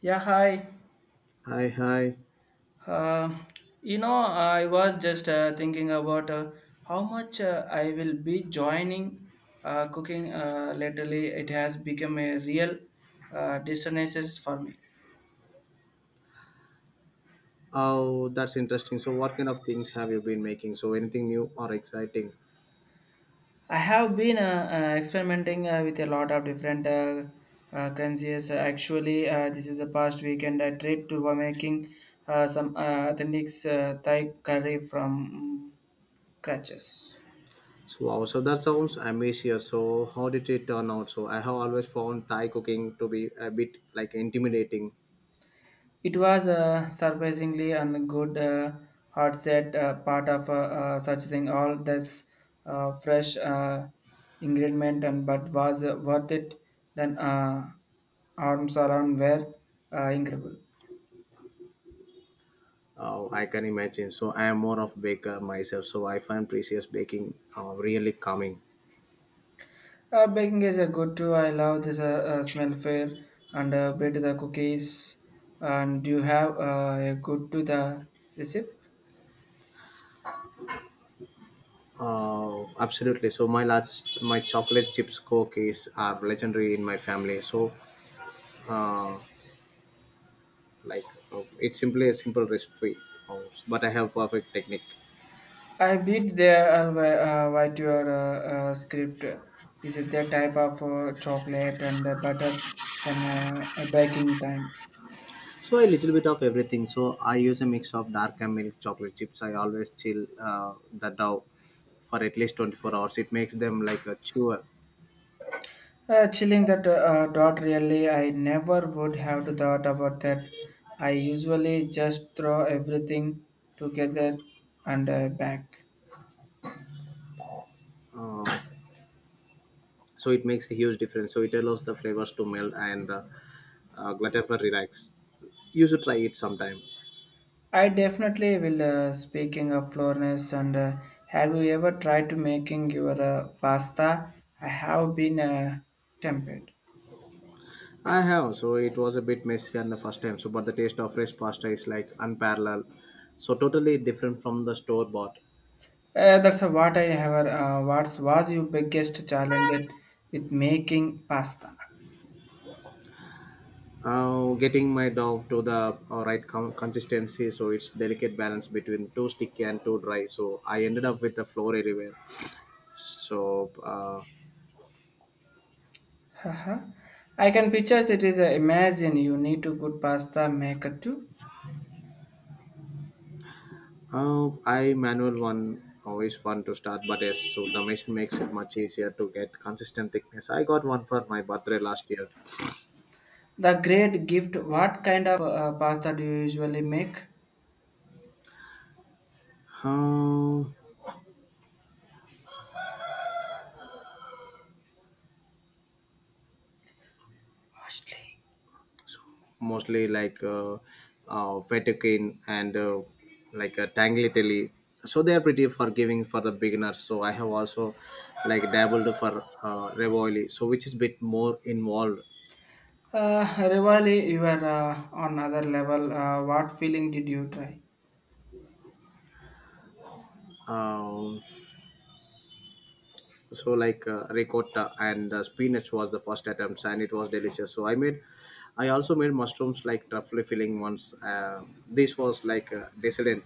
Yeah, hi. Hi, hi. Uh, I was just thinking about how much I will be joining cooking. Lately, it has become a real distresses for me. Oh, that's interesting. So what kind of things have you been making? So anything new or exciting? I have been experimenting with a lot of different conscious. Actually, this is the past weekend I tried to making some authentic Thai curry from scratches. So wow. So that sounds ambitious. So how did it turn out? So I have always found Thai cooking to be a bit like intimidating. It was surprisingly and good hard set part of such thing. All this fresh ingredient and but was worth it. Then arms around were incredible. Oh, I can imagine. So I am more of baker myself. So I find precious baking really calming. Baking is a good too. I love this smell fair and bit the cookies. And do you have a good to the recipe? Oh, absolutely. So my chocolate chips cookies are legendary in my family. Uh, like it's simply a simple recipe, uh, but I have perfect technique. I beat there what your script is it the type of chocolate and butter than a baking time. So a little bit of everything. So I use a mix of dark and milk chocolate chips. I always chill the dough for at least 24 hours. It makes them like a chewer. Chilling that dot really I never would have to thought about that. I usually just throw everything together and back. uh, so it makes a huge difference. So it allows the flavors to melt and the gluten for relax. You should try it sometime. I definitely will. Speaking of Florence, and have you ever tried to making your pasta? I have been tempted. I have, so it was a bit messy on the first time, so but the taste of fresh pasta is like unparalleled. So totally different from the store bought. That's what I have. What was your biggest challenge with making pasta? Getting my dog to the consistency, so it's delicate balance between too sticky and too dry. So I ended up with the floor everywhere. so uh, Haha. I can picture it is. Imagine you need to good pasta maker too. I manual one always fun to start, but yes, so the machine makes it much easier to get consistent thickness. I got one for my birthday last year. The great gift. What kind of pasta do you usually make? uh, Mostly. Mostly like Vatican and like Tanglitelli. So they are pretty forgiving for the beginners. So I have also like dabbled for Revoli, so which is bit more involved. Rivali, you are on another level. What feeling did you try? Um, so like ricotta and spinach was the first attempt, and it was delicious. So I also made mushrooms like truffle filling once. This was like dissident.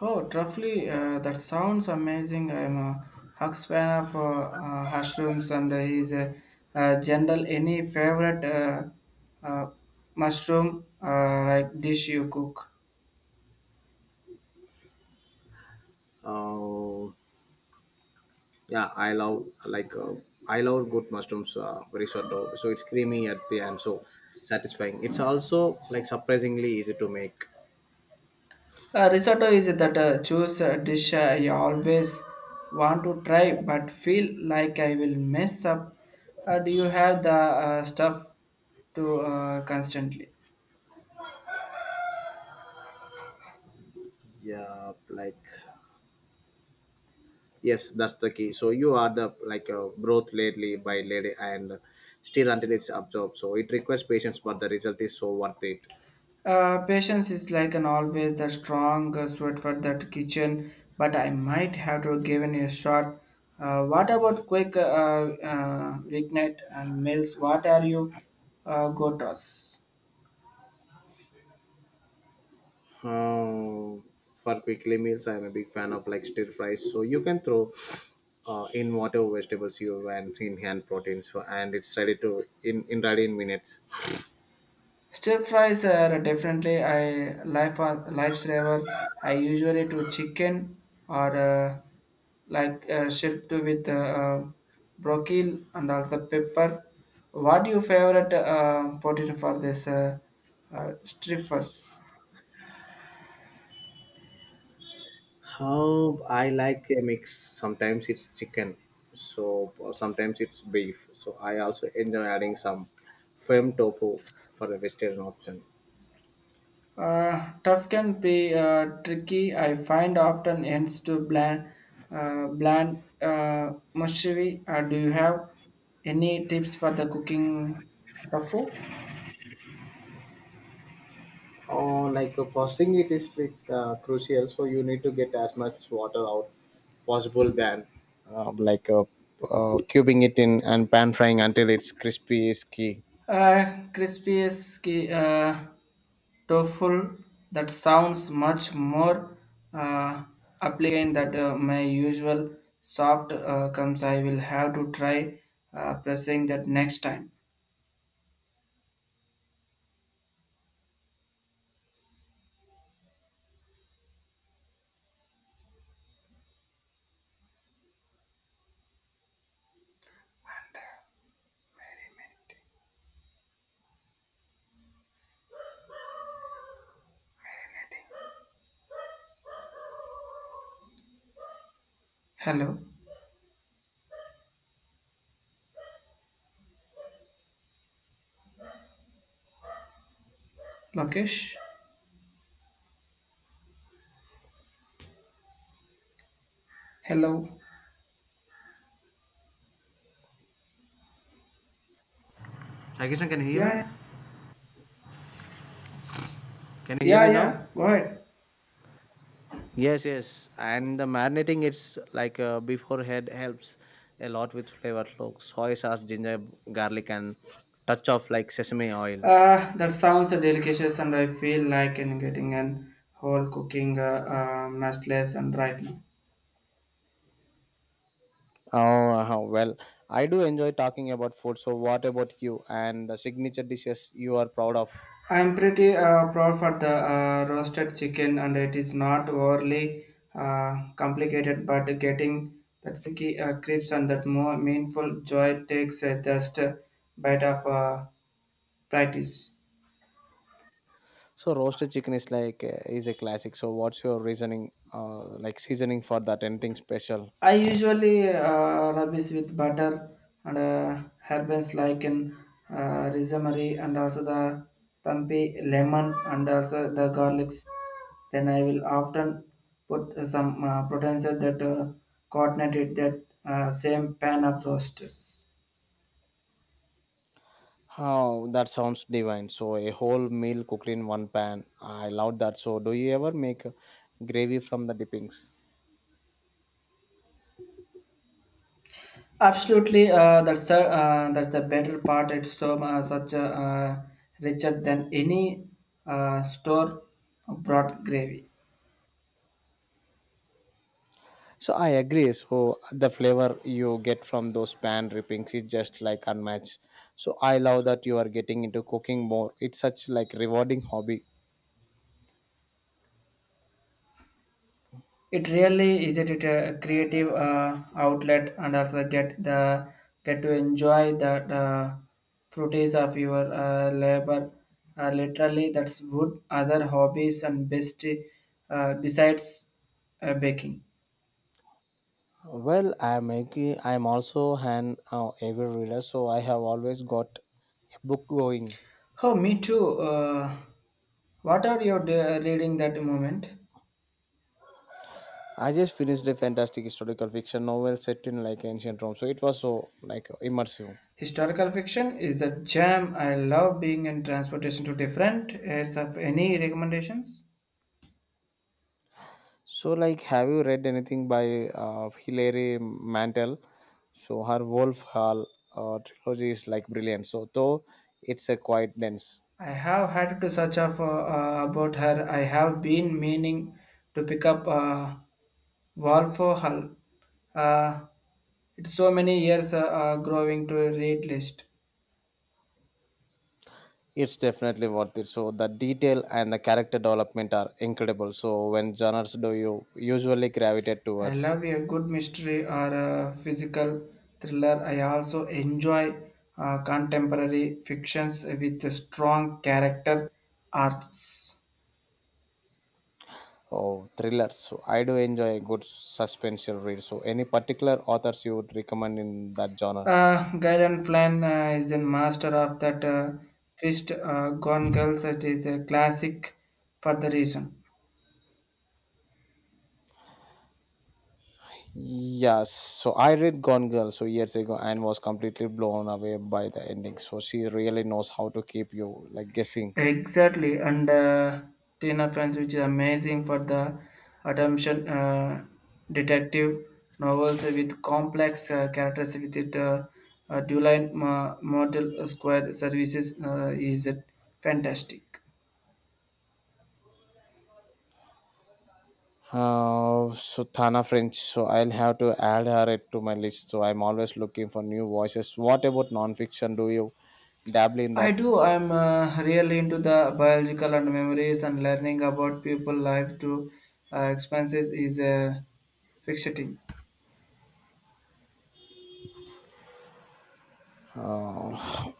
Oh, roughly, that sounds amazing. I'm a Hux fan of mushrooms, and he's a, general. Any favorite uh, mushroom like dish you cook? Uh, Yeah, I love like I love good mushrooms risotto. So it's creamy at the end, so satisfying. It's also like surprisingly easy to make. Risotto is that choose a dish I always want to try, but feel like I will mess up. Do you have the stuff to constantly? Yeah, like yes, that's the key. So you are the like broth lately by lady and stir until it's absorbed. So it requires patience, but the result is so worth it. Patience is like an always the strong suit for that kitchen, but I might have to give it a shot. What about quick weeknight and meals? What are you go to us? Uh, for quickly meals, I'm a big fan of like stir fries. So you can throw in whatever vegetables you want in hand proteins, so, and it's ready to in ready in minutes. Stir fries are definitely a life lifesaver. I usually do chicken or like shrimp to with broccoli and also pepper. What your favorite potato for this strippers? How I like a mix. Sometimes it's chicken, so sometimes it's beef. So I also enjoy adding some firm tofu for a vegetarian option. Tough can be tricky. I find often ends to bland, bland mushy. Do you have any tips for the cooking tofu? Or like processing it is like crucial, so you need to get as much water out possible than like cubing it in and pan frying until it's crispy is key. Uh, crispy is ki- uh, Tofu. That sounds much more uh, appealing than my usual soft comes. I will have to try pressing that next time. Hello, Lokesh. Hello. Hi Krishna, can you hear Yeah, me? yeah, Can you hear me yeah. now? yeah. Go ahead. Yes, yes. And the marinating it's like before head helps a lot with flavor. Look, soy sauce, ginger, garlic, and touch of like sesame oil. That sounds delicious, and I feel like in getting an whole cooking mess less and right now. Oh, uh-huh. Well, I do enjoy talking about food. So what about you and the signature dishes you are proud of? I'm pretty proud for the roasted chicken, and it is not overly complicated, but getting that sticky crisps and that more meaningful joy takes just a bit of practice. So roasted chicken is like is a classic. So what's your reasoning, like seasoning for that? Anything special? I usually rubbish with butter and herbs like in rosemary and also the tampi lemon and also the garlics. Then I will often put some potential that coordinated that same pan of roasters. Oh, that sounds divine. So a whole meal cooked in one pan. I love that. So do you ever make gravy from the dippings? Absolutely, that's the better part. It's so such a richer than any store bought gravy. So I agree. So the flavor you get from those pan drippings is just like unmatched. So I love that you are getting into cooking more. It's such like rewarding hobby. It really is it a creative outlet and also get to enjoy the fruities of your labor. Literally, that's wood. Other hobbies and best besides baking. Well, I'm making. I'm also an avid reader, so I have always got a book going. Oh, me too. What are you de- reading that moment? I just finished a fantastic historical fiction novel set in like ancient Rome, so it was so like immersive. Historical fiction is a gem. I love being in transportation to different areas. Of any recommendations? So, like, have you read anything by Hilary Mantel? So her Wolf Hall trilogy is like brilliant. So though it's a quite dense, I have had to search up about her. I have been meaning to pick up Wolf Hall. Uh, it's so many years growing to a read list. it's definitely worth it. So the detail and the character development are incredible. So when genres do you usually gravitate I towards? love a good mystery or a physical thriller. I also enjoy contemporary fictions with strong character arcs. Oh, thrillers. So I do enjoy a good suspenseful read. So any particular authors you would recommend in that genre? Gillian Flynn is a master of that twist. Gone Girls it is a classic for the reason. Yes, so I read Gone Girl so years ago and was completely blown away by the ending. So she really knows how to keep you like guessing. Exactly, and Tina Fans, which is amazing for the adaptation detective novels with complex characters with it. Dual line model square services is fantastic. So Thana French, so I'll have to add her it to my list. So I'm always looking for new voices. What about nonfiction? Do you dabble in I that? do. I'm really into the biological and memories and learning about people life to expenses is fixating. Uh,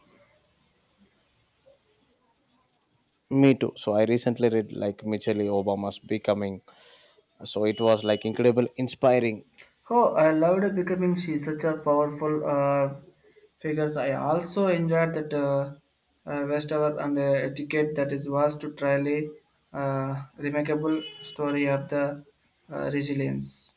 Me too. So I recently read like Michelle Obama's Becoming. So it was like incredible, inspiring. Oh, I loved becoming she such a powerful figures. I also enjoyed that Westover and etiquette that is was to truly remarkable story of the resilience.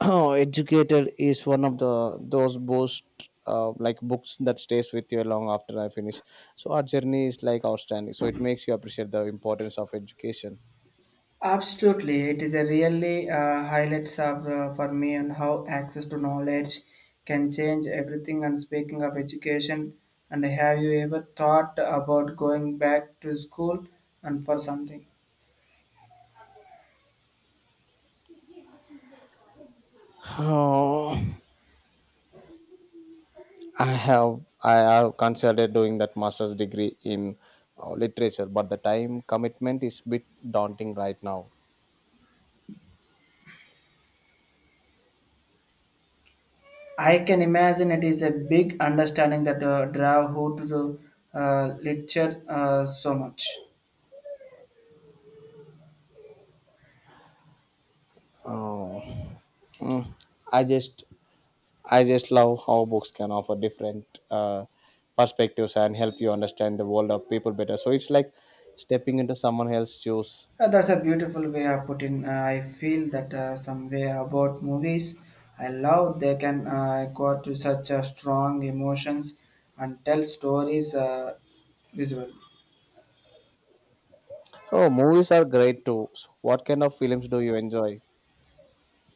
Oh, Educator is one of the those most like books that stays with you long after I finish. So our journey is like outstanding. So it makes you appreciate the importance of education. Absolutely, it is a really highlights of, for me and how access to knowledge can change everything. And speaking of education, and have you ever thought about going back to school and for something? Oh, I have considered doing that master's degree in literature, but the time commitment is bit daunting right now. I can imagine it is a big understanding that draw who to the literature so much. Oh, mm, I just I just love how books can offer different uh, perspectives and help you understand the world of people better. So it's like stepping into someone else's shoes. That's a beautiful way of putting. I feel that some way about movies I love. They can go to such strong emotions and tell stories visually. Oh, movies are great too. So what kind of films do you enjoy?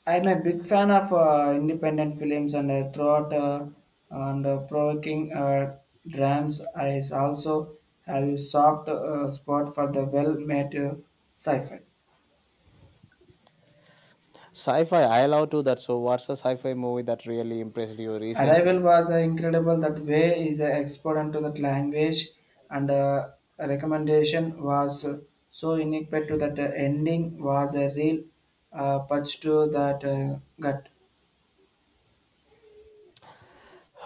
I'm a big fan of independent films and throughout and provoking dramas. I also have a soft spot for the well-made sci-fi. Sci-fi, I love to that. So what's a sci-fi movie that really impressed you Arrival recently? was incredible. That way is an expert into that language, and recommendation was so unique to that ending was a real punch to that gut.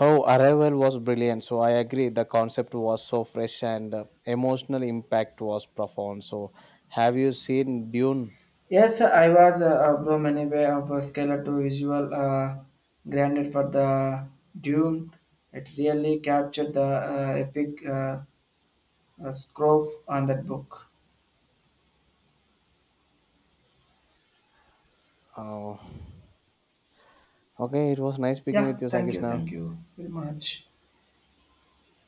Oh, Arrival was brilliant. So I agree. The concept was so fresh and emotional impact was profound. So have you seen Dune? Yes, I was above anyway of a scalar to visual granted for the Dune. It really captured the epic scroll on that book. Oh, okay. It was nice speaking Yeah, with you, Sakishna. thank you very much.